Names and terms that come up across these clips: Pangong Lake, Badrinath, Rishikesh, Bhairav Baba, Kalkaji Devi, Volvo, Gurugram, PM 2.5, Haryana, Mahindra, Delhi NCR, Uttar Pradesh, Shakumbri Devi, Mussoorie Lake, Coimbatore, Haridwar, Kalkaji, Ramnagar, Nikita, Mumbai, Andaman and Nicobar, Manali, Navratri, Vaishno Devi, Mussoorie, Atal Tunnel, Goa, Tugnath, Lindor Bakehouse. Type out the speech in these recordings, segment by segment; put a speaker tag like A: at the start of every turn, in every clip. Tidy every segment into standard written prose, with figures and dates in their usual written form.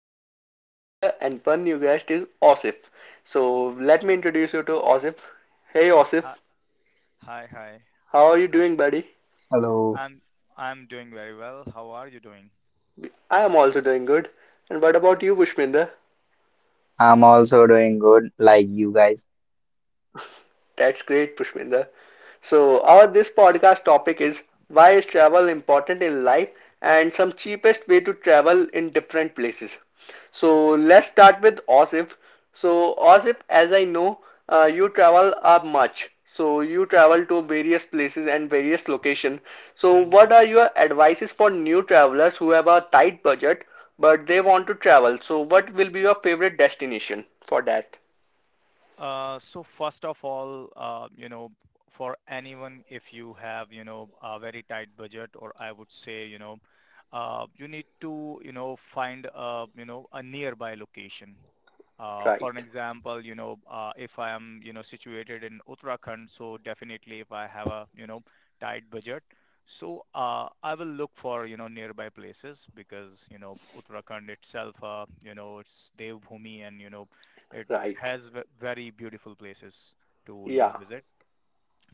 A: guests, Pushpinder, and one new guest is Osif. So, let me introduce you to Osif. Hey Osif,
B: Hi, hi, hi.
A: how are you doing,
B: Ash-
A: buddy?
C: Hello.
B: I'm I'm doing very well. How are you doing?
A: I am also doing good. And what about you, Pushpinder?
C: I'm also doing good, like you guys.
A: That's great, Pushpinder. So, our this podcast topic is why is travel important in life and some cheapest way to travel in different places. So, let's start with Osif. So, Osif, as I know, you travel much. So, you travel to various places and various locations. So,
B: Mm-hmm.
A: what are your advices for new travelers who have a tight budget but they want to travel? So, what will be your favorite destination for that?
B: So first of all, for anyone, if you have, a very tight budget, or I would say, you need to, find, a nearby location. For an
A: Right,
B: example, if I am, situated in Uttarakhand, so definitely if I have a, tight budget, so I will look for, nearby places because, Uttarakhand itself, it's Devbhoomi and, it
A: right.
B: has very beautiful places to
A: Yeah.
B: visit.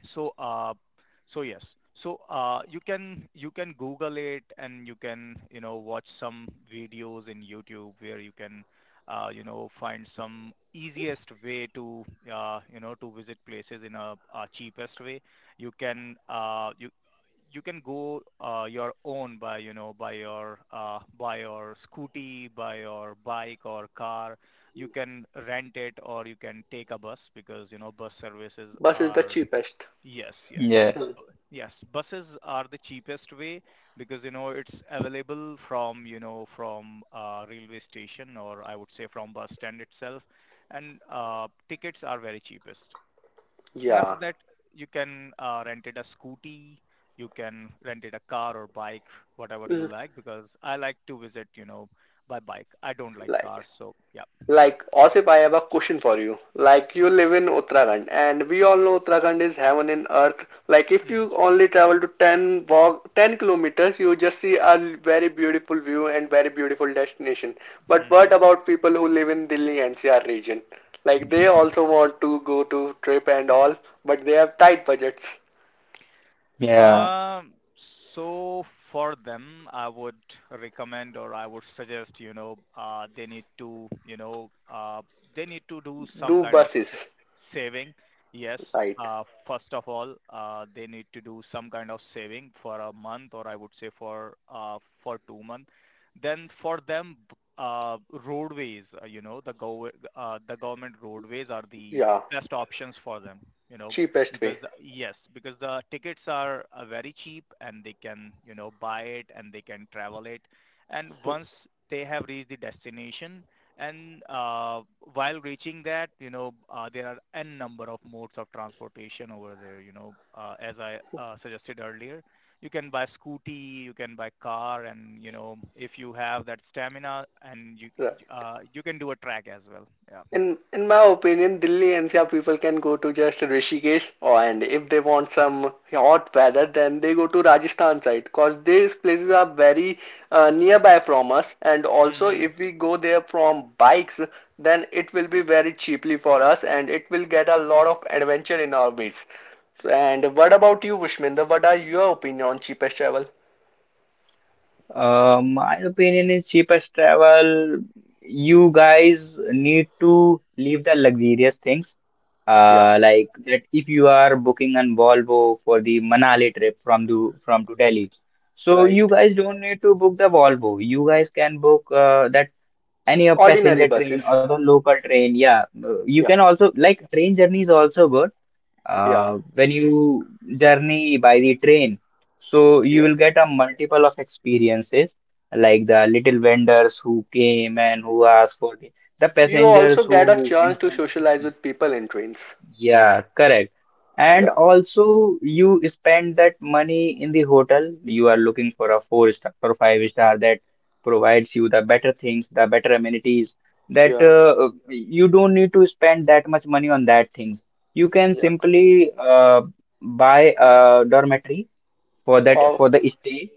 B: so uh, yes, so you can, you can google it and you can, watch some videos in youtube where you can find some easiest way to to visit places in a cheapest way. You can, you can go, your own, by by your, by your scooty, by your bike or car. You can rent it, or you can take a bus because you know bus services
A: Bus is the
B: are—
A: cheapest.
B: Yes, yes, yes.
C: Yes.
A: Hmm.
B: Yes, buses are the cheapest way because you know it's available from from railway station, or I would say from bus stand itself, and tickets are very cheapest. And after
A: Yeah.
B: that, you can, rent it a scooty, you can rent it a car or bike, whatever you
A: L-
B: like. Because I like to visit by bike. I don't like
A: Like,
B: cars, so yeah,
A: like, Osip, I have a question for you. Like, you live in Uttarakhand, and we all know Uttarakhand is heaven and earth. Like, if
B: yeah.
A: you only travel to 10 walk, 10 kilometers, you just see a very beautiful view and very beautiful destination. But
B: Mm-hmm.
A: what about people who live in Delhi NCR region? Like, they also want to go to trip and all, but they have tight budgets.
C: Yeah.
B: So for them, I would recommend, or I would suggest, they need to, they need to do some
A: Do
B: kind of
A: buses,
B: saving. Yes.
A: right?
B: First of all, they need to do some kind of saving for a month, or I would say for 2 months. Then for them, roadways, the go the government roadways are the
A: Yeah,
B: best options for them, you know,
A: cheapest way,
B: because yes, because the tickets are, very cheap, and they can, buy it and they can travel it. And once they have reached the destination, and while reaching that, there are n number of modes of transportation over there. You know, as I suggested earlier, you can buy scooty, you can buy car, and you know, if you have that stamina, and you,
A: right?
B: you can do a track as well. Yeah.
A: In my opinion, Delhi NCR people can go to just Rishikesh, or and if they want some hot weather, then they go to Rajasthan side, because these places are very nearby from us, and also
B: Hmm.
A: if we go there from bikes, then it will be very cheaply for us, and it will get a lot of adventure in our ways. So, and what about you, Vishminder? What are your opinion on cheapest travel?
C: My opinion is cheapest travel. You guys need to leave the luxurious things.
A: Yeah,
C: Like that if you are booking on Volvo for the Manali trip from the from to Delhi, so
A: right.
C: you guys don't need to book the Volvo. You guys can book that any of
A: Ordinary
C: passenger train
A: buses.
C: or the local train. Yeah, you can
A: Yeah,
C: also like train journey is also good
A: yeah,
C: when you journey by the train, so you
A: yeah.
C: will get a multiple of experiences like the little vendors who came and who asked for the
A: You
C: passengers
A: also get a
C: who in
A: chance to
C: front of you.
A: socialize with people in trains.
C: Yeah, correct. And
A: Yeah,
C: also, you spend that money in the hotel. You are looking for a four star or five star that provides you the better things, the better amenities. That
A: yeah,
C: you don't need to spend that much money on that things. You can
A: yeah.
C: simply buy a dormitory for that
A: Oh,
C: for the stay.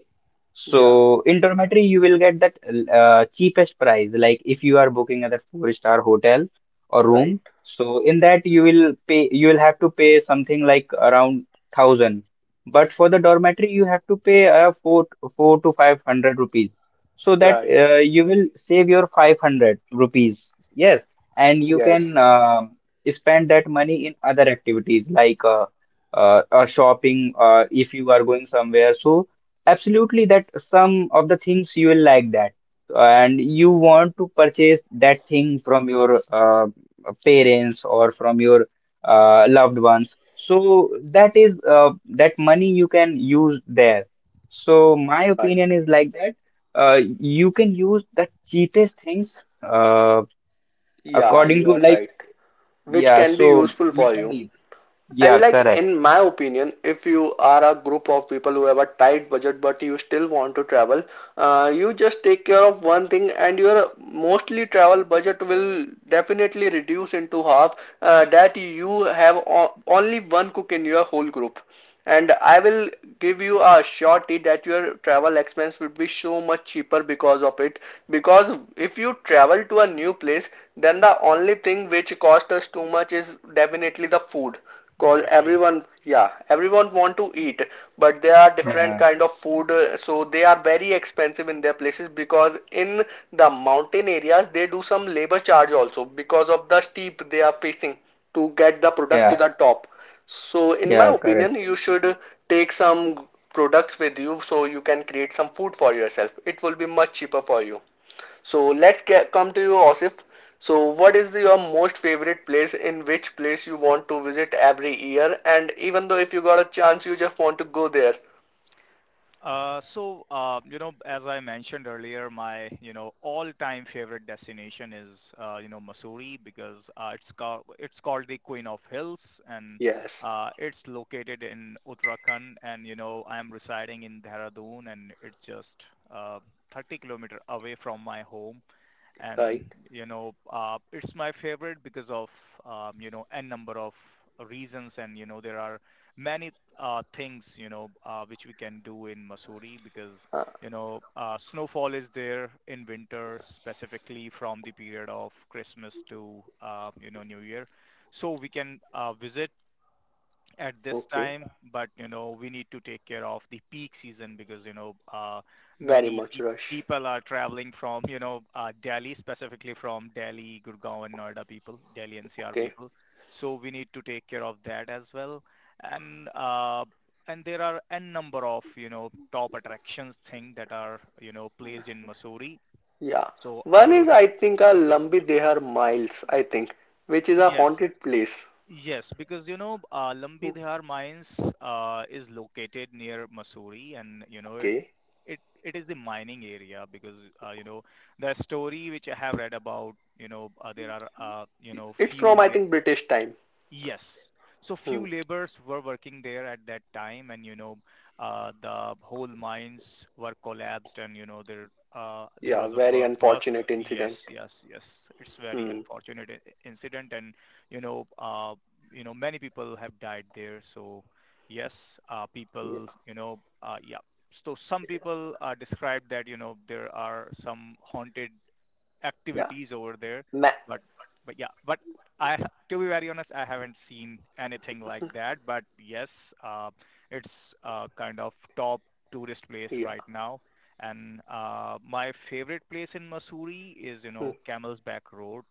A: yeah,
C: So in dormitory, you will get that cheapest price. Like if you are booking at a four-star hotel or
A: right,
C: room, so in that you will have to pay something like around thousand. But for the dormitory you have to pay 4 to 500 rupees. So that
A: right.
C: you will save your 500 rupees. Yes, and you
A: Yes,
C: can spend that money in other activities like shopping if you are going somewhere. So absolutely that some of the things you will like that and you want to purchase that thing from your parents or from your loved ones. So that is that money you can use there. So my
A: right.
C: opinion is like that. You can use the cheapest things
A: Yeah,
C: according
A: you
C: to
A: are
C: like.
A: right. Which
C: Yeah.
A: can be
C: So
A: useful
C: you
A: for
C: can
A: you.
C: leave. Yeah,
A: And like
C: correct.
A: in my opinion, if you are a group of people who have a tight budget but you still want to travel, you just take care of one thing and your mostly travel budget will definitely reduce into half that you have only one cook in your whole group. And I will give you a surety that your travel expense will be so much cheaper because of it. Because if you travel to a new place, then the only thing which costs us too much is definitely the food cause
B: Exactly.
A: everyone, yeah, everyone want to eat but there are different
C: Yeah,
A: kind of food, so they are very expensive in their places because in the mountain areas they do some labor charge also because of the steep they are facing to get the product to the
C: yeah,
A: top. So in my
C: yeah,
A: opinion
C: correct.
A: you should take some products with you so you can create some food for yourself. It will be much cheaper for you. So let's get come to you, Osif. So what is your most favorite place, in which place you want to visit every year? And even though if you got a chance, you just want to go there.
B: You know, as I mentioned earlier, my, all-time favorite destination is, Mussoorie, because it's called the Queen of Hills, and
A: Yes,
B: it's located in Uttarakhand, and, you know, I'm residing in Dehradun, and it's just uh, 30 kilometer away from my home. And
A: right.
B: you know, it's my favorite because of, you know, n number of reasons, and you know there are many things, which we can do in Missouri, because
A: Uh,
B: snowfall is there in winter, specifically from the period of Christmas to, New Year. So we can, visit at this
A: okay.
B: time, but you know, we need to take care of the peak season, because you know,
A: Very
B: many
A: much rush.
B: people are traveling from, Delhi, specifically from Delhi, Gurgaon, and Noida people, Delhi NCR
A: Okay.
B: people. So we need to take care of that as well, and uh, and there are a number of you know top attractions thing that are you know placed in Missouri.
A: Yeah.
B: So I
A: One
B: will,
A: is I think a
B: yeah,
A: Lambi Dehar Miles, I think, which is a
B: yes.
A: haunted place.
B: Yes, because you know,
A: Hmm,
B: Lambi Dihar mines, is located near Mussoorie, and you know it
A: okay.
B: it is the mining area because you know the story which I have read about. You know, there are, you know,
A: It's
B: few—
A: from I think British time.
B: Yes. So
A: Hmm.
B: few laborers were working there at that time, and you know, the whole mines were collapsed, and you know, there
A: Yeah,
B: was a
A: very
B: burst.
A: unfortunate incident.
B: Yes, yes, yes. It's very
A: Hmm.
B: unfortunate incident, and you know, many people have died there. So yes,
A: Yeah.
B: people, yeah. So some people, described that you know there are some haunted
A: Yeah.
B: activities over there.
A: Ma-
B: But but yeah, but I to be very honest, I haven't seen anything like that. But yes, it's, kind of top tourist place
A: yeah.
B: right now. And my favorite place in Missouri is you
A: Hmm.
B: know Camel's Back Road.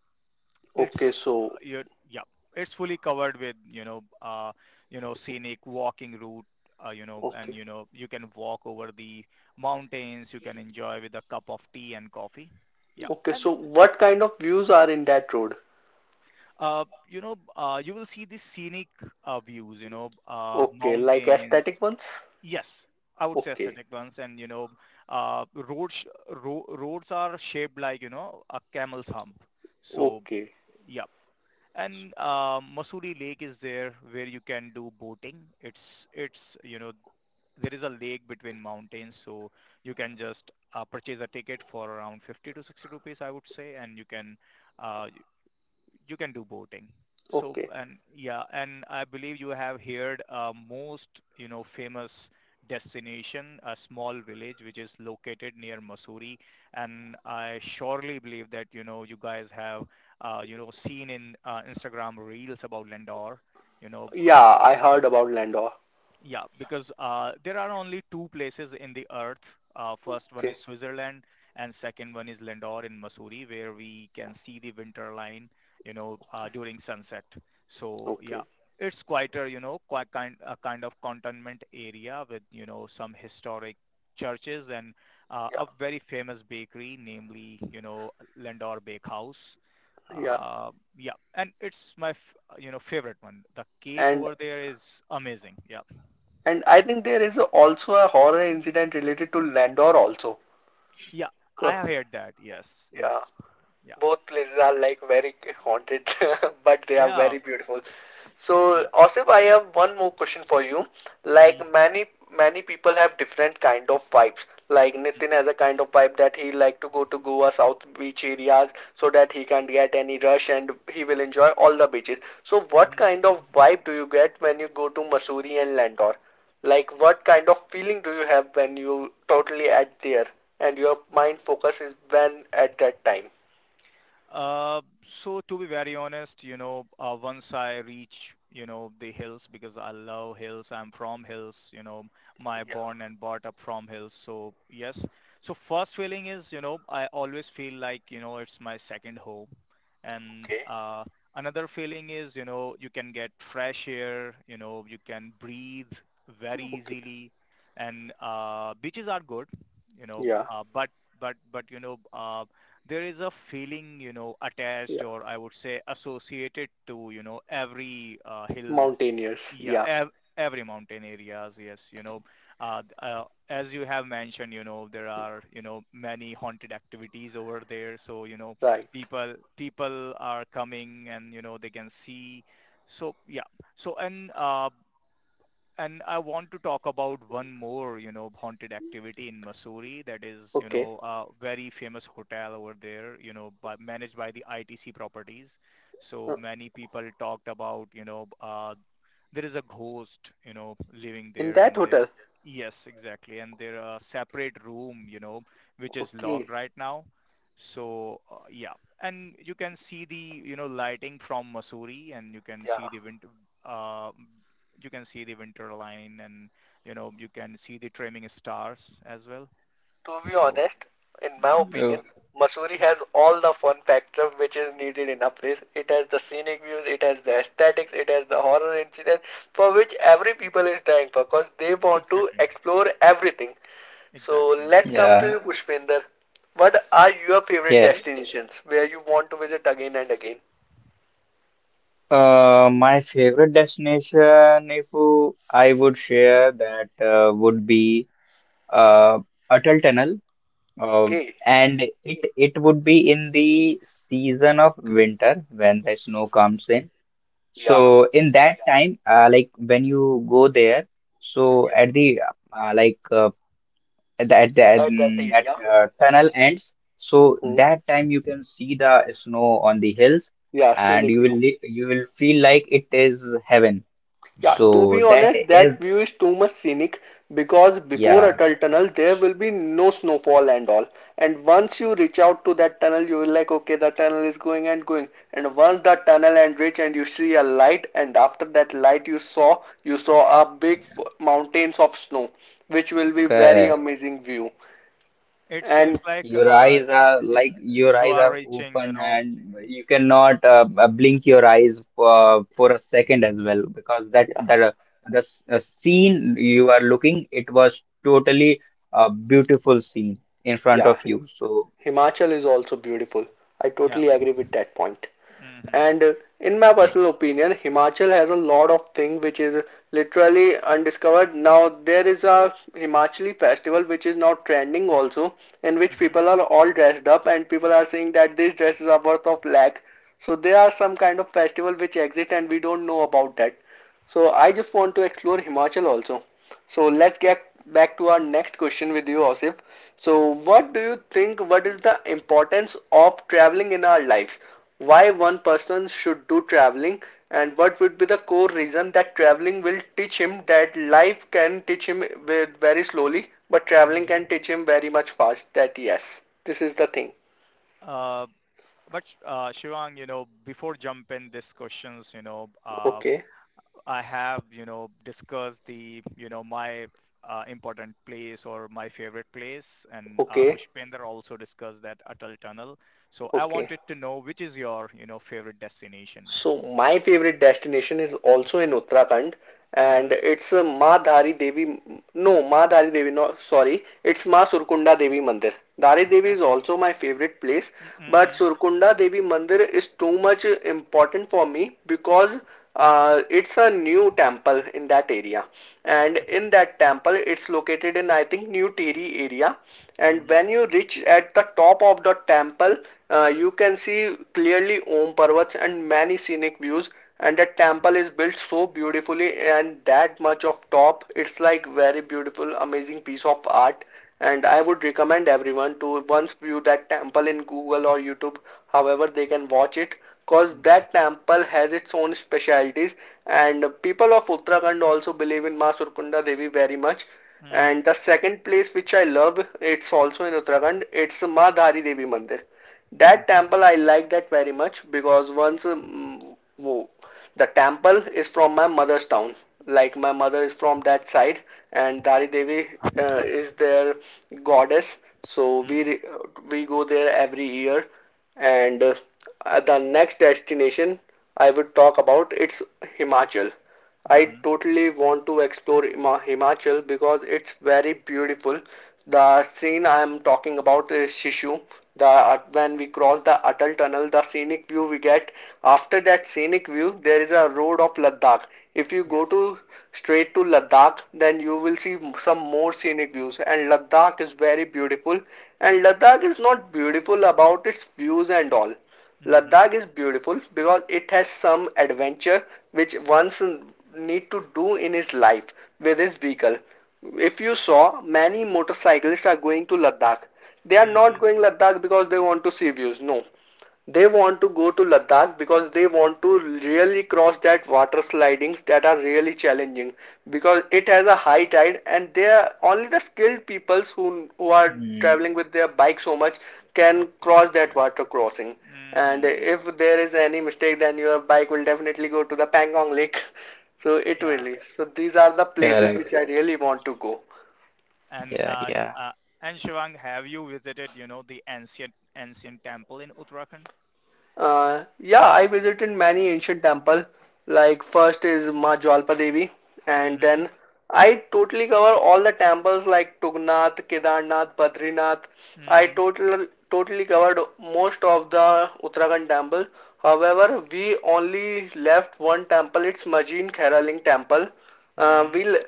B: It's
A: Okay, so
B: yeah, it's fully covered with scenic walking route. You know, and
A: okay.
B: you know, you can walk over the mountains. You can enjoy with a cup of tea and coffee. Yeah,
A: Okay,
B: and—
A: so what kind of views are in that road?
B: You will see the scenic views,
A: Okay, like
B: mountains.
A: aesthetic ones?
B: Yes, I would say
A: Okay.
B: aesthetic ones. And, you know, roads, roads are shaped like, you know, a camel's hump. So,
A: Okay.
B: yeah. And Mussoorie Lake is there where you can do boating. It's, you know, there is a lake between mountains. So you can just, purchase a ticket for around 50 to 60 rupees, I would say. And uh, you can do boating. So
A: Okay.
B: and yeah, and I believe you have heard most you know famous destination, a small village which is located near Mussoorie, and I surely believe that you know you guys have seen in Instagram reels about Lindor. You know,
A: Yeah, I heard about Landau.
B: yeah, because there are only two places in the earth. First one
A: Okay.
B: is Switzerland, and second one is Lindor in Missouri, where we can see the winter line,
A: Okay.
B: during sunset. So yeah,
A: Okay.
B: it's quite a you know quite kind a kind of cantonment area with you know some historic churches and,
A: Yeah.
B: a very famous bakery, namely you know Lindor Bakehouse.
A: Yeah.
B: Uh, yeah, and it's my favorite one. The cake
A: And
B: over there is amazing. Yeah.
A: and I think there is also a horror incident related to Landor also.
B: Yeah, I
A: Co-
B: have heard that. Yes,
A: Yeah.
B: yes. Yeah,
A: Both places are like very haunted, but they are
B: yeah,
A: very beautiful. So,
B: yeah.
A: Asif, I have one more question for you. Like
B: Hmm.
A: many many people have different kind of vibes. Like Nitin has a kind of vibe that he like to go to Goa South Beach areas so that he can get any rush and he will enjoy all the beaches. So, what
B: Hmm.
A: kind of vibe do you get when you go to Mussoorie and Landor? Like what kind of feeling do you have when you totally at there and your mind focus is when at that time?
B: Uh, so to be very honest, you know, once I reach, you know, the hills, because I love hills. I'm from hills, you know, my
A: Yeah,
B: born and brought up from hills. So yes. So first feeling is, you know, I always feel like, you know, it's my second home. And
A: okay.
B: another feeling is, you know, you can get fresh air, you know, you can breathe very
A: Okay.
B: easily. And beaches are good,
A: Yeah.
B: but but there is a feeling, you know, attached,
A: Yeah.
B: or I would say associated to, you know, every hills.
A: Mountaineers.
B: Yeah,
A: Yeah.
B: every mountain areas. Yes, you know, as you have mentioned, you know, there are, you know, many haunted activities over there. So, you know,
A: Right.
B: people are coming, and, you know, they can see. So yeah. So and I want to talk about one more, you know, haunted activity in Missouri, that is, you
A: Okay.
B: know, a very famous hotel over there, you know, but managed by the ITC properties. So
A: Uh,
B: many people talked about, there is a ghost you know living
A: in
B: there,
A: that
B: and there—
A: hotel.
B: Yes, exactly, and there are separate room you know which is
A: Okay.
B: locked right now. So yeah, and you can see the you know lighting from Missouri, and you can
A: Yeah.
B: see the winter, uh, you can see the winter line, and you know you can see the trimming stars as well.
A: To be
B: So
A: honest, in my
B: yeah.
A: opinion,
C: Uh,
A: Missouri has
B: Mm,
A: all the fun factor which is needed in a place. It has the scenic views, it has the aesthetics, it has the horror incident for which every people is dying for because they want to
B: exactly,
A: explore everything. So
B: exactly.
A: let's come to you,
C: Yeah,
A: Pushpinder. What are your
C: yeah.
A: favorite destinations where you want to visit again and again?
C: My favorite destination, if I would share that, would be uh, Atal Tunnel. Uh,
A: Okay.
C: and it would be in the season of winter when the snow comes in.
A: Yeah.
C: So in that time, like when you go there, so at the like at the, at the, at,
A: At that
C: mm, that
A: area.
C: tunnel ends. So
A: Hmm.
C: that time you can see the snow on the hills,
A: Yeah,
C: and
A: scenic view.
C: you will feel like it is heaven.
A: Yeah, to
C: So
A: be
C: that
A: honest,
C: is.
A: that view is too much scenic because before
C: Yeah,
A: Atal Tunnel there will be no snowfall and all. And once you reach out to that tunnel, you will like, okay, the tunnel is going and going. And once the tunnel and reach and you see a light, and after that light you saw a big mountains of snow, which will be very
C: correct.
A: amazing view.
B: It seems
A: And
B: like y-
C: Your
B: you
C: eyes
B: are
C: are
B: reaching you
C: open
B: know,
C: and
B: y-
C: you cannot blink your eyes for a second as well because
A: yeah,
C: scene you are looking it was totally a beautiful scene in front
A: yeah,
C: of you. So
A: Himachal is also beautiful. I
B: yeah.
A: totally agree with that point.
B: Hmm.
A: And in my
C: yes,
A: personal opinion, Himachal has a lot of thing which is literally undiscovered. Now there is a Himachali festival which is now trending also, in which people are all dressed up and people are saying that these dresses are worth of lakh. So there are some kind of festival which exist and we don't know about that. So I just want to explore Himachal also. So let's get back to our next question with you, Osif. So, what do you think? What is the importance of traveling in our lives? Why one person should do traveling, and what would be the core reason that traveling will teach him that life can teach him with very slowly, but traveling
B: Mhm.
A: can teach him very much fast. That yes, this is the thing.
B: Uh, but Shivang, you know, before jumping these questions, you know,
A: Okay,
B: I have, you know, discussed the, you know, my important place or my favorite place, and
A: okay,
B: Pushpinder also discussed that Atal Tunnel. So I
A: okay.
B: wanted to know which is your, you know, favorite destination.
A: So my favorite destination is also in Uttarakhand
B: Mhm.
A: and it's Ma Dhari Devi, no Ma Dhari Devi, no, sorry, it's Ma Surkunda Devi Mandir. Dhari Devi
B: Yeah.
A: is also my favorite place
B: Mm,
A: but
B: mhm.
A: Surkunda Devi Mandir is too much important for me because it's a new temple in that area, and
B: Okay.
A: in that temple, it's located in I think new teri area. And
B: Mhm.
A: when you reach at the top of the temple, you can see clearly om parvats and many scenic views, and the temple is built so beautifully and that much of top it's like very beautiful amazing piece of art. And I would recommend everyone to once view that temple in google or youtube, however they can watch it, cause
B: Mhm.
A: that temple has its own specialities, and people of Uttarakhand also believe in Ma Surkunda Devi very much. And
B: Mhm.
A: the second place which I love, it's also in Uttarakhand, it's Ma Dhari Devi Mandir. That
B: Mhm.
A: temple I like that very much because once the temple is from my mother's town. Like my mother is from that side, and
B: Mhm.
A: Dhari Devi is their goddess. So
B: Mhm.
A: we go there every year, and the next destination I would talk about, it's Himachal. I
B: Mhm.
A: totally want to explore Himachal because it's very beautiful. The scene I am talking about is Shishu. The when we cross the Atal Tunnel, the scenic view we get, after that scenic view, there is a road of Ladakh. If you
B: Yeah.
A: go to straight to Ladakh, then you will see some more scenic views. And Ladakh is very beautiful. And Ladakh is not beautiful about its views and all. Ladakh
B: Mhm.
A: is beautiful because it has some adventure which one's need to do in his life with his vehicle. If you saw, many motorcyclists are going to Ladakh. They are not
B: Mhm.
A: going Ladakh because they want to see views. No, they want to go to Ladakh because they want to really cross that water slidings that are really challenging because it has a high tide and they are only the skilled peoples who are
C: mm,
A: traveling with their bike so much can
B: Yeah,
A: cross that
B: exactly.
A: water crossing. And
B: Mhm.
A: if there is any mistake, then your bike will definitely go to the Pangong Lake. So it
B: Yeah.
A: really. So these are the places which
C: correct.
A: I really want to go.
B: And
C: Yeah,
B: uh,
C: yeah.
B: uh, and Shivang, have you visited, you know, the ancient temple in Uttarakhand?
A: Yeah, I visited many ancient temples. Like first is Ma Jalpa Devi, and
B: Mm-hmm.
A: then I totally cover all the temples like Tugnath, Kedarnath, Badrinath. I
B: Mm-hmm.
A: totally covered most of the Uttarakhand temple. However, we only left one temple. It's Majin Khairaling temple. Uh,
B: Mm-hmm.
A: we l-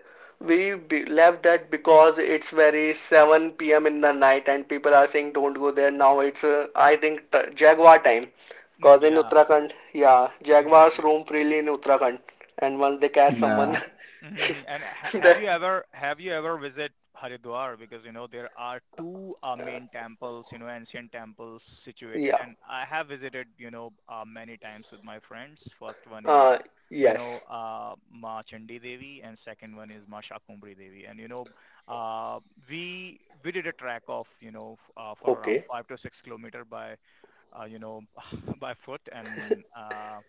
A: we left that because it's very 7 p.m. in the night and people are saying don't go there now. It's I think Jaguar time because in
B: Yeah,
A: Uttarakhand, yeah, Jaguars
B: exactly.
A: roam freely in Uttarakhand, and once they catch
C: Nah.
A: someone.
B: Hmm. And have
A: The
B: you ever, visit Haridwar? Because you know there are two main temples, you know, ancient temples situated,
A: yeah,
B: and I have visited, you know, many times with my friends. First one is,
A: uh, yes,
B: Ma Chandi Devi, and second one is Ma Shakumbri Devi. And you know, uh, we did a trek of, for around
A: okay,
B: 5 to 6 kilometer by uh, you know, by foot.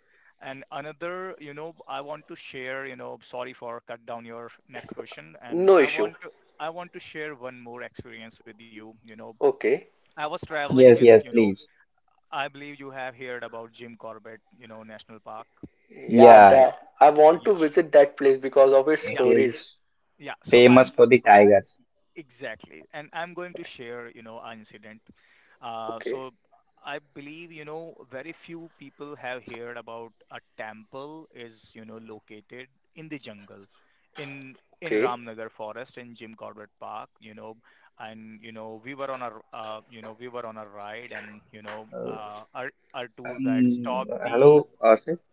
B: And another, you know, I want to share, you know, sorry for cut down your next question. And
A: no
B: I
A: issue,
B: want to I want to share one more experience with you.
A: okay,
B: I was traveling
C: Yes,
B: with,
C: yes, please.
B: I believe you have heard about Jim Corbett, National Park.
A: yeah,
C: Yeah,
A: that I want to
B: Yeah,
A: visit that place because of its
C: it
B: yeah,
A: stories.
C: is
B: yeah. So I
C: famous for the tigers.
B: Exactly. And I'm going to share, an incident. Uh,
A: Okay,
B: so I believe, very few people have heard about a temple is, located in the jungle in in
A: okay,
B: Ramnagar forest in Jim Corbett Park, and, we were on a ride, and,
C: Oh.
B: our tour guide stopped
C: Um,
B: the,
C: Hello, Arthur.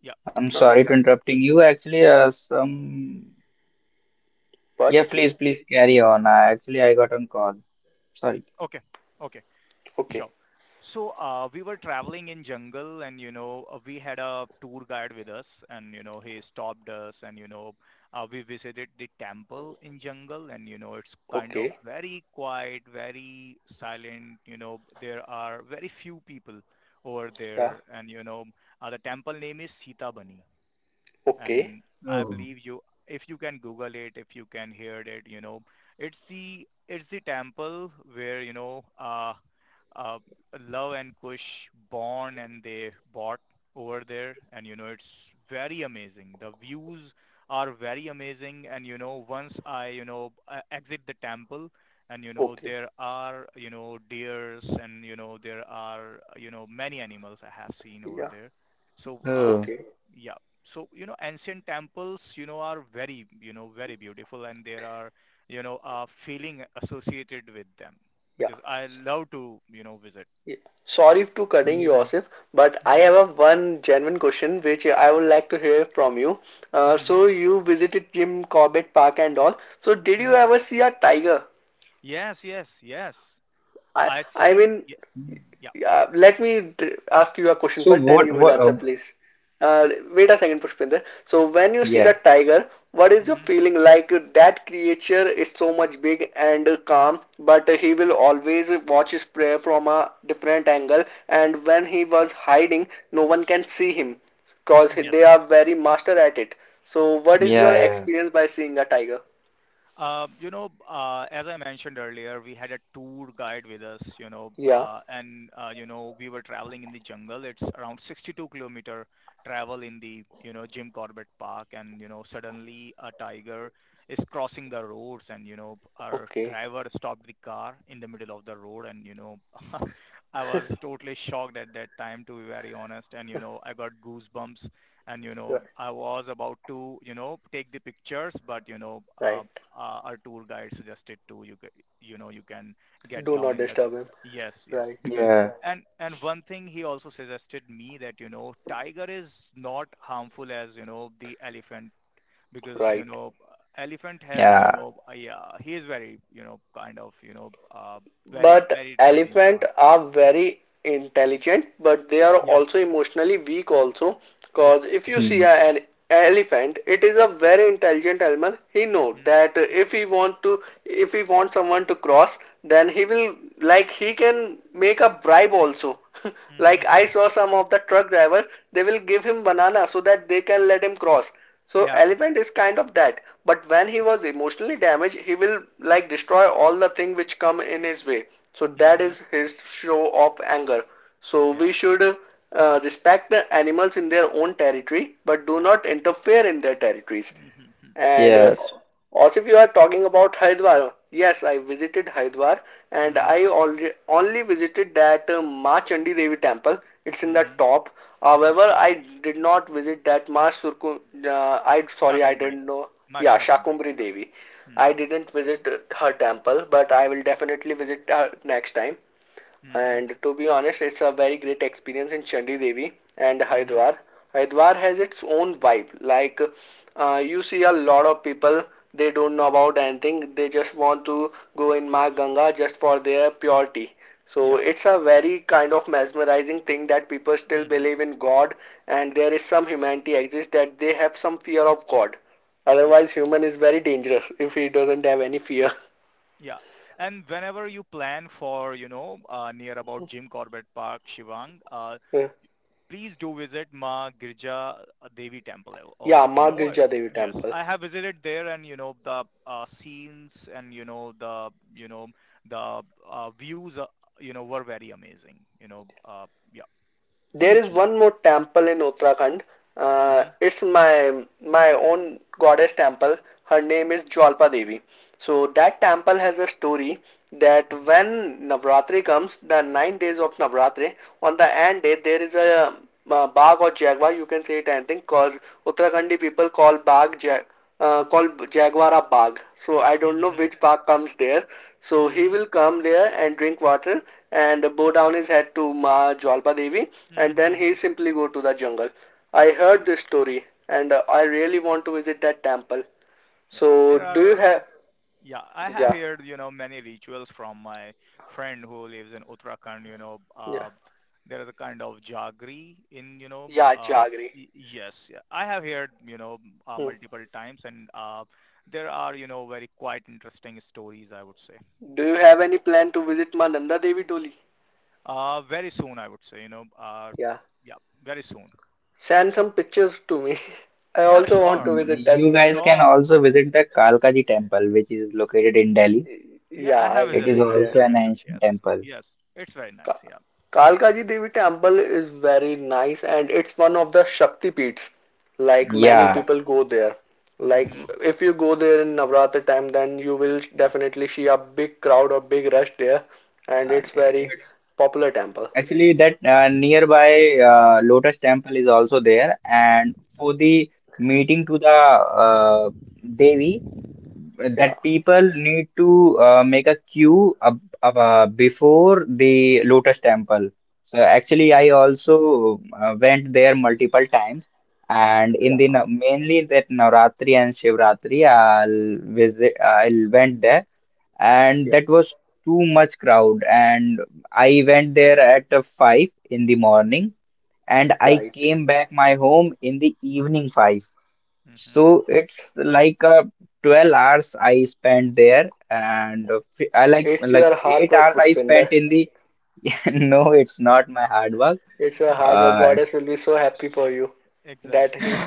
B: yeah,
C: I'm
A: uh,
C: sorry to interrupting you. Actually, some. Yeah,
A: but
C: please, please carry on. Actually, I got on call. Sorry.
B: okay, okay.
A: okay,
B: Sure. So we were traveling in jungle, and, we had a tour guide with us, and, he stopped us, and, we visited the temple in jungle, and, it's kind of
A: okay,
B: very quiet, very silent. There are very few people over
A: yeah,
B: there, and, the temple name is Sita Bani.
A: okay,
B: And I
C: Oh.
B: believe you, if you can Google it, if you can hear it, it's the temple where uh, Love and Kush born, and they bought over there. And it's very amazing, the views are very amazing. And once I exit the temple, and
A: okay.
B: there are, deers, and there are, many animals I have seen over
A: Yeah.
B: there. So
C: Oh.
A: Okay.
B: yeah. So ancient temples, are very, very beautiful, and there are, a feeling associated with them,
A: Yeah.
B: because I love to, visit.
A: Yeah. Sorry to cutting you,
C: Mm.
A: Asif, but I
B: Hmm.
A: have a one genuine question which I would like to hear from you. Uh,
B: Hmm.
A: so you visited Jim Corbett Park and all. So did you
B: Hmm.
A: ever see a tiger?
B: Yes, yes, yes.
A: I
B: I
A: I
B: see.
A: mean,
B: Yeah, yeah.
A: let me ask you a question
C: So
A: first, then
C: what?
A: you will
C: What?
A: answer, please. Wait a second, Pushpinder. So when you see the
C: Yeah,
A: tiger, what is your
B: Hmm.
A: feeling like? That creature is so much big and calm, but he will always watch his prey from a different angle. And when he was hiding, no one can see him because
B: Yes.
A: they are very master at it. So what is
C: yeah,
A: your
C: yeah,
A: experience by seeing a tiger?
B: As I mentioned earlier, we had a tour guide with us,
A: Yeah.
B: and, we were traveling in the jungle. It's around 62-kilometer travel in the, Jim Corbett Park. And, suddenly a tiger is crossing the roads, and, our
A: Okay.
B: driver stopped the car in the middle of the road. And, I was totally shocked at that time, to be very honest. And, I got goosebumps, and,
A: Ri-
B: I was about to, take the pictures, but,
A: Right.
B: our tour guide suggested too. You can get
A: Do
B: down
A: not
B: in the,
A: disturb him.
B: yes, yes,
A: Right.
B: because
C: yeah,
B: and one thing he also suggested me that tiger is not harmful as the elephant, because
A: Right.
B: elephant has,
C: yeah.
B: yeah, he is very, kind of, very,
A: But
B: very, very dangerous
A: elephant
B: one.
A: are very intelligent, but they are
B: Yeah.
A: also emotionally weak also.
B: Yes.
A: Cause if you see
C: Hmm.
A: an elephant, it is a very intelligent animal. He know
B: Hmm.
A: that if he want someone to cross, then he will like he can make a bribe also.
B: Hmm.
A: Like I saw some of the truck drivers, they will give him banana so that they can let him cross. So
B: Yeah.
A: elephant is kind of that, but when he was emotionally damaged, he will like destroy all the thing which come in his way. So that
B: Hmm.
A: is his show of anger. So
B: Yeah.
A: we should respect the animals in their own territory, but do
B: Yeah.
A: not interfere in their territories.
B: Hmm.
A: And
C: Yes.
A: also, if you are talking about Haridwar, yes, I visited Haridwar and
B: Hmm.
A: I alre only visited that Ma Chandi Devi temple. It's in the
B: Hmm.
A: top. However,
B: Yeah.
A: I did not visit that Ma Surku. I sorry, I
B: Shakumbre.
A: didn't know.
B: My
A: Yeah,
B: shakumbre.
A: Shakumbri
B: Yeah.
A: Devi. I
B: Hmm.
A: didn't visit her temple, but I will definitely visit her next time.
B: Mhm,
A: And to be honest, it's a very great experience in Chandi Devi and
B: mhm.
A: Haridwar. Haridwar has its own vibe. Like you see a lot of people, they don't know about anything. They just want to go in Ma Ganga just for their purity. So
B: Yeah.
A: it's a very kind of mesmerizing thing that people still
B: Mhm.
A: believe in God and there is some humanity exists that they have some fear of God.
B: Yeah.
A: Otherwise, human is very dangerous if he doesn't have any fear.
B: Yeah. And whenever you plan for, near about Jim Corbett Park, Shivang,
A: Yeah,
B: please do visit Ma Girja Devi Temple,
A: yeah,
B: also.
A: Ma
B: I,
A: Girja Devi
B: yes,
A: temple.
B: I have visited there, and, the, scenes, and, the, views, were very amazing. Yeah,
A: There
B: please
A: is
B: do visit.
A: one more temple in Uttarakhand.
B: Mm-hmm.
A: It's my own goddess temple. Her name is Jwalpa Devi. So that temple has a story that when Navratri comes, the 9 days of Navratri, on the end day there is a bag or jaguar. You can say it anything because Uttarakhandi people call bag jag called Jaguara Bagh. So I
B: Mm-hmm.
A: don't know
B: Mm-hmm.
A: which Bagh comes there. So he
B: Mm-hmm.
A: will come there and drink water and bow down his head to Ma Jalpa Devi and then he
B: Mm-hmm.
A: simply go to the jungle. I heard
B: Yeah.
A: this story and I really want to visit that temple.
B: Yeah.
A: So
B: There
A: do you
B: are
A: have
B: Yeah, I have
A: yeah,
B: heard, many rituals from my friend who lives in Uttarakhand,
A: yeah,
B: there is a kind of jaggery in,
A: yeah,
B: uh,
A: Jagri.
B: yes, yeah. I have heard,
A: Hmm.
B: multiple times, and there are, very quite interesting stories, I would say.
A: Do you
B: Yeah.
A: have any plan to visit Ma Nanda Devi Doli?
B: Very soon, I would say,
A: Yeah.
B: yeah, very soon.
A: Send some pictures to me. I
B: Yeah,
A: also want to
B: sure.
A: visit that.
C: You guys can
B: Sure.
C: also visit the Kalkaji temple, which is located in Delhi.
B: Yeah,
A: Yeah,
B: I have
A: I
C: It is
B: visited
A: visit
B: that,
C: also
A: there.
C: an
B: Pushpender.
C: ancient
B: Yes.
C: temple.
B: Yes. It's very nice.
A: Ka-
B: Yeah.
A: Kalkaji Devi temple is very nice and it's one of the Shakti Peeths. Like
B: Okay.
A: many
C: Yeah.
A: people go there. Like
B: Mm-hmm.
A: if you go there in Navratri time, then you will definitely see a big crowd or big rush there, and
C: Uh,
A: it's
B: Mm-hmm.
A: very
C: it's
A: popular temple.
C: actually that nearby Lotus temple is also there, and for the meeting to the Devi, that
A: Yeah,
C: people need to make a queue before the Lotus Temple. So actually, I also went there multiple times, and in
A: yeah,
C: the mainly that Navratri and Shivratri, I'll visit. I'll went there, and
A: yeah.
C: that was too much crowd, and I went there at five in the morning, and I
A: Right.
C: came back my home in the evening five.
B: Mm-hmm.
C: So it's like a 12 hours I spent there and I like
A: It's
C: like
A: your hard
C: 8
A: work,
C: hours I
A: Pushpinder.
C: spent in the no it's not my hard work.
A: It's your
B: Mm-hmm.
A: hard work.
C: uh
A: Goddess will be so happy for
B: Ex-
A: you that
B: Exactly.
A: he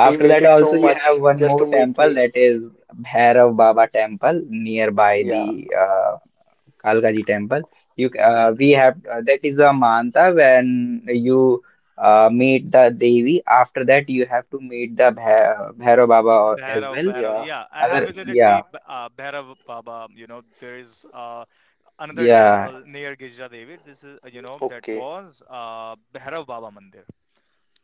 A: he
C: that
A: waited
C: also
A: so
C: you have
A: much
C: one
A: just to
C: more
A: meet
C: temple,
A: me.
C: that is Bhairav Baba temple nearby
A: Yeah,
C: the Kalkaji temple. We
B: Mhm.
C: have that is a manta, when you meet the Devi, after that you have to meet the Bhairav Baba as
B: Bhairav,
C: well.
B: Bhairav.
A: yeah.
B: Yeah, I have
C: Other,
B: visited the
C: yeah.
B: Bhairav Baba. There is, another
C: Yeah,
B: temple near Girija Devi. This is, you know, that
A: Okay.
B: was, Bhairav Baba Mandir.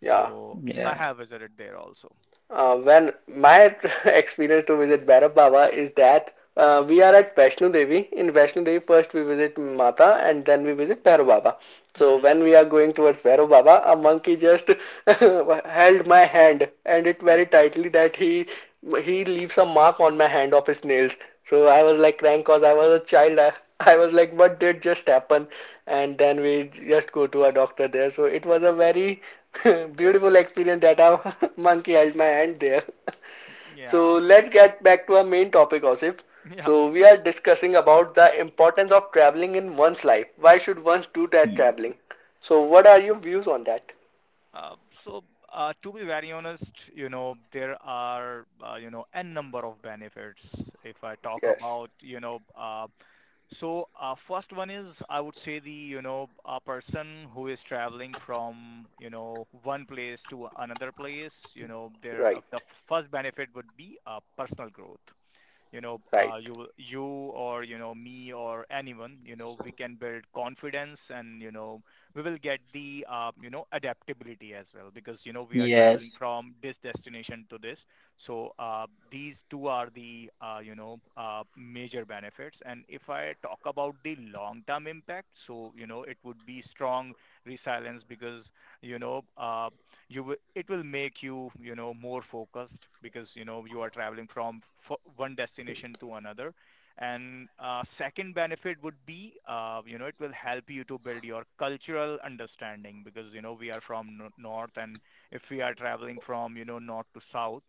A: Yeah.
B: I
C: yeah,
B: have visited there also.
A: When my experience to visit Bhairab Baba is that we are at Vaishno Devi. In Vaishno Devi, first we visit Mata and then we visit Bhairab Baba. So
B: Mm-hmm.
A: when we are going towards Bhairab Baba, a monkey just held my hand and it very tightly that he some mark on my hand of his nails. So I was like crank cause I was a child. I was like, what did just happen? And then we just go to a doctor there. So it was a very beautiful experience that a monkey held my hand there. So
B: Yeah,
A: let's get back to our main topic, Osif.
B: yeah.
A: So we are discussing about the importance of traveling in one's life. Why should one do that
C: hmm.
A: traveling? So what are your views on that?
B: Uh, so, to be very honest, there are, n number of benefits. If I talk
A: Yes,
B: about, first one is I would say, the, a person who is traveling from, one place to another place. Their, the
A: right,
B: first benefit would be, personal growth.
A: right.
B: You or, me, or anyone, we can build confidence, and we will get the, adaptability as well, because we are
C: Yes,
B: traveling from this destination to this. So these two are the, major benefits. And if I talk about the long term impact, so it would be strong resilience, because you know uh, you will it will make you, you know more focused, because you are traveling from, one destination to another. And second benefit would be, it will help you to build your cultural understanding, because we are from, north, and if we are traveling from, north to south,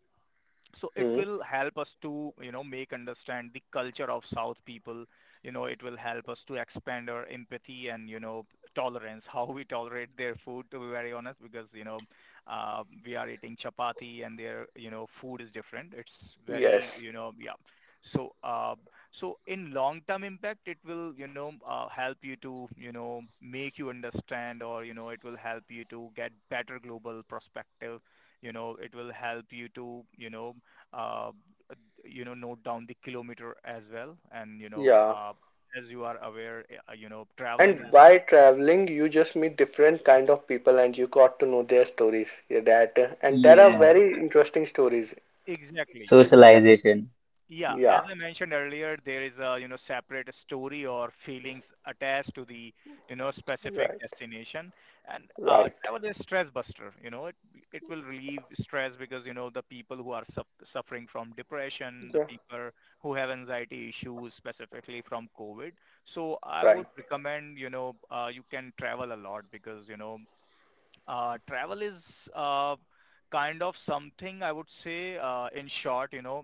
B: so it
A: Hmm.
B: will help us to, make understand the culture of south people. It will help us to expand our empathy, and tolerance, how we tolerate their food, to be very honest, because we are eating chapati, and their, food is different. It's very,
A: Yes,
B: yeah. So so in long term impact it will, help you to, make you understand, or it will help you to get better global perspective. It will help you to, uh, note down the kilometer as well. And,
A: yeah.
B: as you are aware, traveling
A: And
B: is
A: by traveling, you just meet different kind of people and you got to know their stories. Yeah, that and there are
C: yeah.
A: very interesting stories.
B: exactly.
C: Socialization.
B: Yeah, as
A: Yeah,
B: I mentioned earlier, there is a, separate story or feelings attached to the, specific
A: right,
B: destination. And
A: right.
B: travel is stress buster, it will relieve stress, because, the people who are, suffering from depression, the
A: Yeah,
B: people who have anxiety issues, specifically from COVID. So I would
A: right.
B: recommend, you can travel a lot, because, travel is, kind of something, I would say, in short,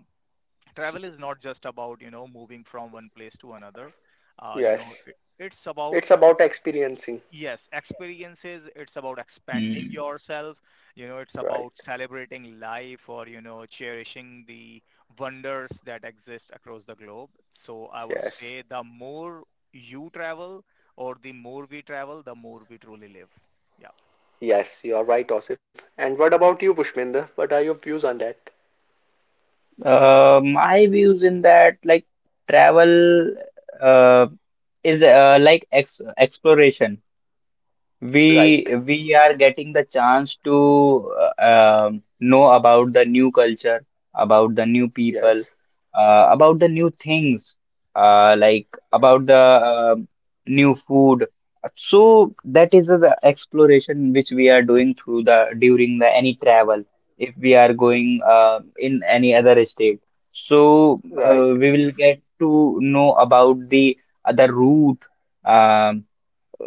B: travel is not just about, moving from one place to another.
A: Yes,
B: It's about,
A: it's about experiencing.
B: yes, experiences. It's about expanding
C: Hmm.
B: yourself, it's
A: Right.
B: about celebrating life, or cherishing the wonders that exist across the globe. So I would say,
A: Yes.
B: the more you travel, or the more we travel, the more we truly live. Yeah.
A: Yes, you are right, Osif. And what about you, Pushpinder? What are your views on that?
C: My views in that, like, travel, uh, is like ex exploration.
A: Right.
C: We are getting the chance to know about the new culture, about the new people,
A: Yes.
C: about the new things, like
A: Right.
C: about the new food. So that is the exploration which we are doing through the during the any travel if we are going in any other state. So
A: Right.
C: we will get to know about the other route. um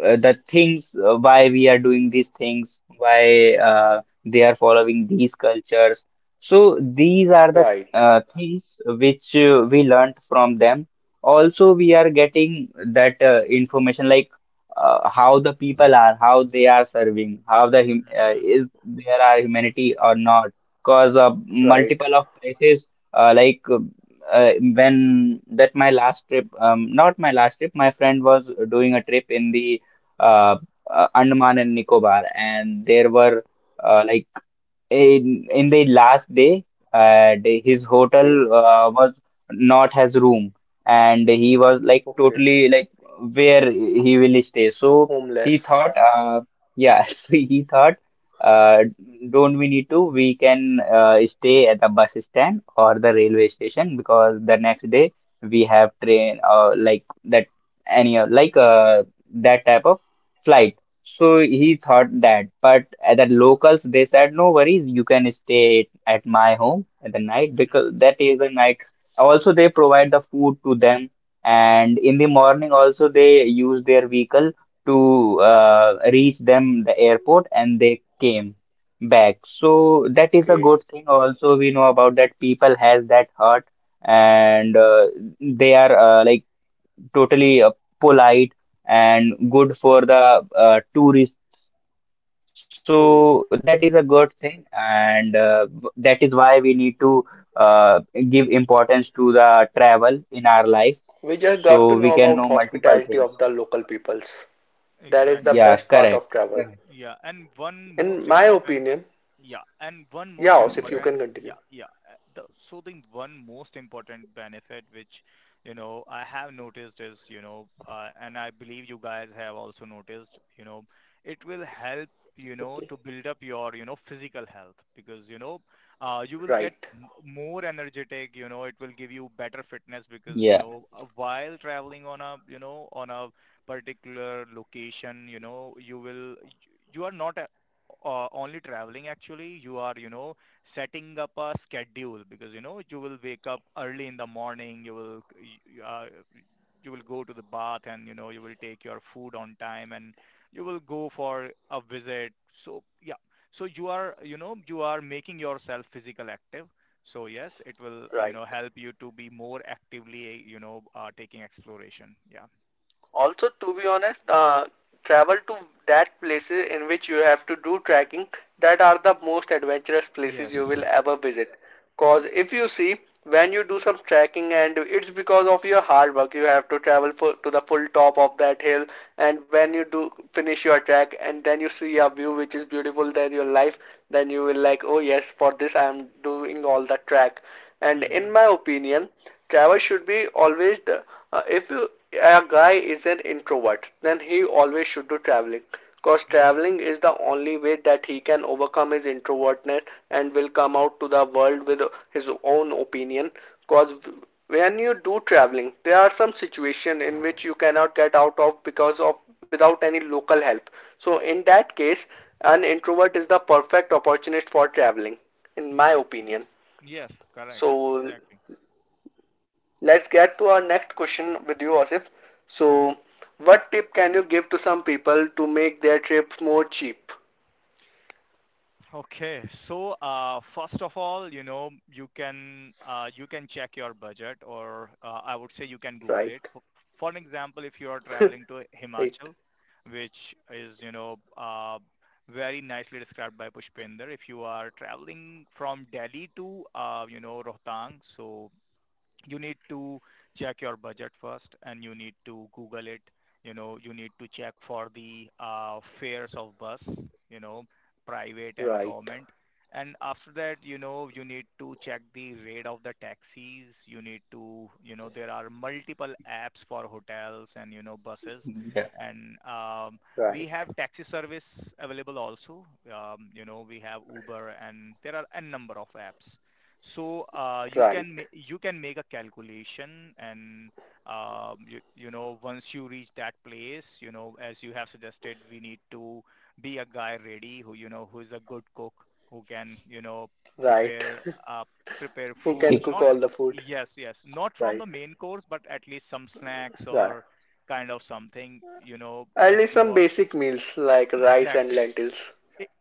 C: the things, why we are doing these things, why they are following these cultures. So these are the
A: Right.
C: things which we learned from them. Also, we are getting that information, like how the people are, how they are serving, how the hum
B: Mhm.
C: is there are humanity or not. Cause
A: Right.
C: multiple of places, uh, like. Uh, when that my last trip, not my last trip, my friend was doing a trip in the uh, Andaman and Nicobar, and there were uh, like in the last day, his hotel
A: Okay.
C: was not has room, and he was like
A: Okay.
C: totally like where he will stay. So he
A: Homeless.
C: thought yeah so he thought uh, don't we need to, we can stay at the bus stand or the railway station, because the next day we have train like that any like that type of flight. So he thought that, but at the locals they said, no worries, you can stay at my home at the night,
B: Mhm.
C: because that is the night. Also, they provide the food to them, and in the morning also they use their vehicle to reach them the airport, and they came back. So that is a
A: Okay.
C: good thing. Also, we know about that people has that heart, and they are like totally polite and good for the tourists. So that is a
A: Hmm.
C: good thing, and that is why we need to uh, give importance to the travel in our life,
A: We just got to
C: so we
A: know
C: can
A: about
C: know multiple
A: hospitality of
C: things.
A: the local peoples. That is the
B: Exactly.
C: Yeah,
A: best part of
C: correct.
A: travel.
C: Correct.
B: Yeah, and one most
A: In my
B: important,
A: opinion,
B: yeah, and one most
A: yeah, if you
C: Yeah,
B: important,
A: can
B: yeah,
A: continue.
B: yeah. So the one most important benefit which, I have noticed is, and I believe you guys have also noticed, it will help, to
A: Okay.
B: build up your, physical health, because, you will get,
A: Right.
B: more energetic, it will give you better fitness, because,
C: yeah,
B: while traveling on a, on a particular location, you will, you are not a- only traveling, actually you are, setting up a schedule, because you will wake up early in the morning, you will go to the bath, and you will take your food on time, and you will go for a visit. So yeah. So you are, you are making yourself physical active. So yes, it will,
A: Right.
B: help you to be more actively, taking exploration. Yeah.
A: Also, to be honest, travel to that places in which you have to do trekking that are the most adventurous places
B: Yes.
A: you will ever visit. Cause
B: Yes.
A: if you see when you do some trekking and it's because of your hard work you have to travel for, to the full top of that hill, and when you do finish your trek and then you see a view which is beautiful than your life, then you will like oh yes for this I am doing all the trek. And
B: Mm-hmm.
A: in my opinion travel should be always the, if you a guy is an introvert, then he always should do traveling. Cause
B: Mm-hmm.
A: traveling is the only way that he can overcome his introvertness and will come out to the world with his own opinion. Cause when you do traveling, there are some situations in which you cannot get out of because of without any local help. So in that case, an introvert is the perfect opportunist for traveling, in my
B: Exactly.
A: opinion.
B: Yes, correct.
A: So
B: Exactly.
A: let's get to our next question with you, Asif. So,
B: Hmm.
A: what tip can you give to some people to make their trips more cheap?
B: Okay. So, first of all, you can, you can check your budget, or I would say you can Google
A: Right,
B: it. For an example, if you are
A: right,
B: traveling to Himachal, which is, very nicely described by Pushpinder, if you are traveling from Delhi to, Rohtang, so you need to check your budget first, and you need to Google it. You need to check for the, fares of bus, you know private and
A: right,
B: government. And after that, you need to check the rate of the taxis. You need to, there are multiple apps for hotels and, buses,
C: yeah.
B: and we
A: right,
B: have taxi service available also. We have Uber, and there are n number of apps. So you can,
A: right,
B: you can make a calculation, and you know once you reach that place, as you have suggested, we need to be a guy ready, who, who is a good cook, who can,
A: right.
B: prepare uh, prepare
A: Who
B: food.
A: can cook
B: Not,
A: all the food?
B: yes, yes, not from the
A: Right,
B: main course, but at least some snacks
A: right.
B: or kind of something. If
A: At least
B: you
A: some
B: are,
A: basic meals like rice
B: exactly,
A: and lentils.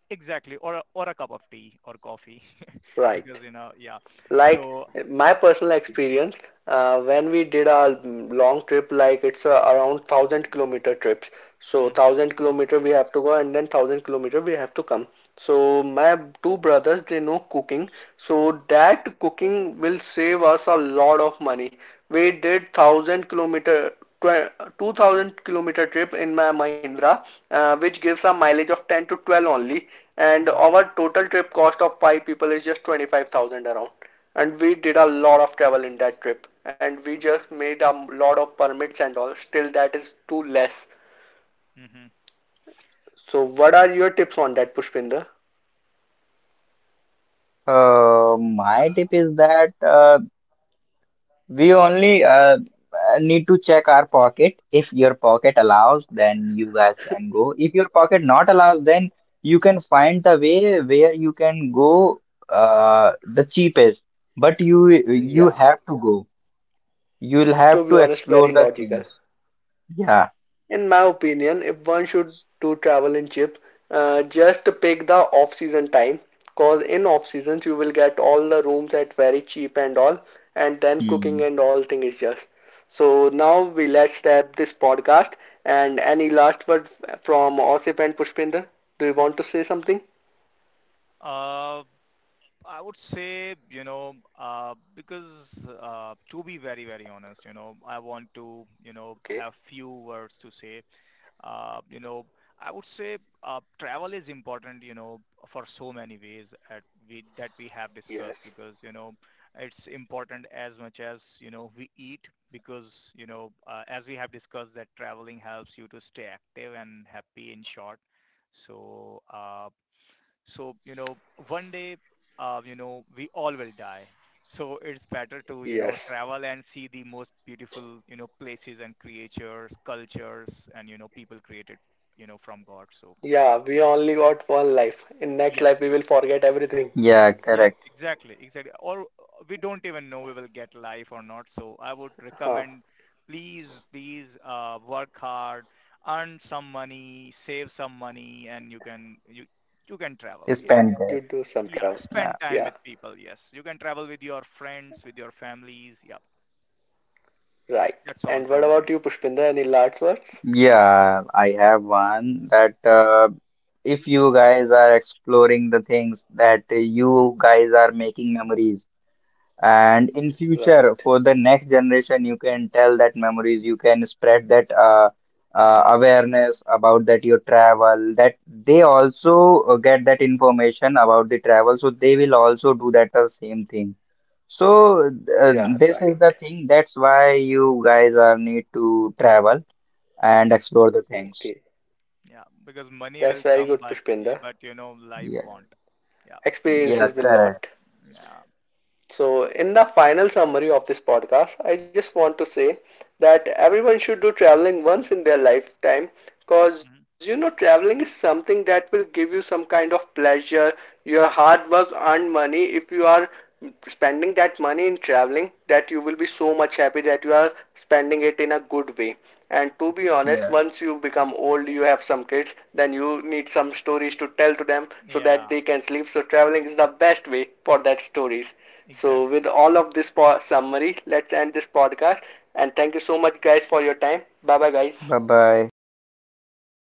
B: exactly, or a cup of tea or coffee because,
A: Right.
B: yeah.
A: Like
B: So
A: my personal experience, when we did our long trip, like it's around 1,000 kilometer trips, so
B: Mhm,
A: 1,000 kilometer we have to go and then 1,000 kilometer we have to come. So my two brothers they know cooking, so that cooking will save us a lot of money. We did 1,000 kilometer, 2,000 kilometer trip in my Mahindra, which gives a mileage of 10 to 12 only, and
B: mhm,
A: our total trip cost of five people is just 25,000 around. And we did a lot of travel in that trip and we
B: o
A: just made a lot of permits and all, still that is too less.
B: mhm.
A: So what are your tips on that, Pushpinder?
C: My tip is that we only need to check our pocket. If your pocket allows, then you guys can go. If your pocket not allows, then you can find the way where you can go the cheapest. But You
A: Yeah,
C: have to go. You'll
A: to
C: have
A: be
C: to
A: honest, very
C: explore the
A: logical.
C: things. Yeah.
A: In my opinion, if one should do travel in chips, just pick the off-season time, cause in off-seasons you will get all the rooms at very cheap and all, and then cooking
C: Hmm.
A: and all thing is just. So now we let's wrap this podcast. And any last word from Osip and Pushpinder? Do you want to say something?
B: Uh, I would say, because, to be very, very honest, I want to,
A: Okay,
B: have few words to say. Uh, you know, I would say, travel is important, for so many ways that we have discussed,
A: yes.
B: because, it's important as much as, we eat, because, as we have discussed, that traveling helps you to stay active and happy, in short. So So, you know, one day, we all will die. So it's better to,
A: Yes.
B: travel and see the most beautiful, places and creatures, cultures, and, people created, from God. So yeah.
A: Yeah, we
B: that,
A: only
B: that-
A: got one life. In next life
B: yes.
A: we will forget everything.
C: Yeah,
B: Yeah,
C: correct.
B: exactly, exactly. Or we don't even know we will get life or not. So I would
A: Huh.
B: recommend, please, please, work hard, earn some money, save some money, and you can travel. Yeah.
C: Spend there.
A: You do some
B: Yeah,
A: travel.
C: Yeah.
B: spend time
A: Yeah.
B: with people. Yes, you can travel with your friends, with your families. Yeah,
A: Right.
B: that's all
A: And
B: from
A: what
B: my
A: about
B: end.
A: you, Pushpinder? Any last words?
C: Yeah, I have one that if you guys are exploring the things, that you guys are making memories, and in future
A: Right.
C: for the next generation you can tell that memories, you can spread that
B: Hmm.
C: awareness about that your travel, that they also get that information about the travel, so they will also do that the same thing. So
A: Yeah,
C: this
A: right.
C: is the thing, that's why you guys are need to travel and explore the things.
A: Okay.
B: Yeah, because money will
A: That's very
B: come,
A: good,
B: but,
A: Pushpinder.
B: but life
C: Yeah.
B: won't. Yeah.
C: Yeah,
A: Experiences will not.
C: correct.
B: Yeah.
A: So, in the final summary of this podcast, I just want to say that everyone should do traveling once in their lifetime because,
B: Hmm.
A: traveling is something that will give you some kind of pleasure. Your hard work earned money, if you are spending that money in traveling, that you will be so much happy that you are spending it in a good way. And to be honest,
C: Yeah.
A: once you become old, you have some kids, then you need some stories to tell to them so
B: Yeah.
A: that they can sleep. So, traveling is the best way for that stories. So,
B: Exactly.
A: with all of this summary, let's end this podcast. And thank you so much, guys, for your time. Bye bye, guys.
C: Bye bye.
B: Bye bye.
C: Have a
B: Thank
C: nice day.
B: you.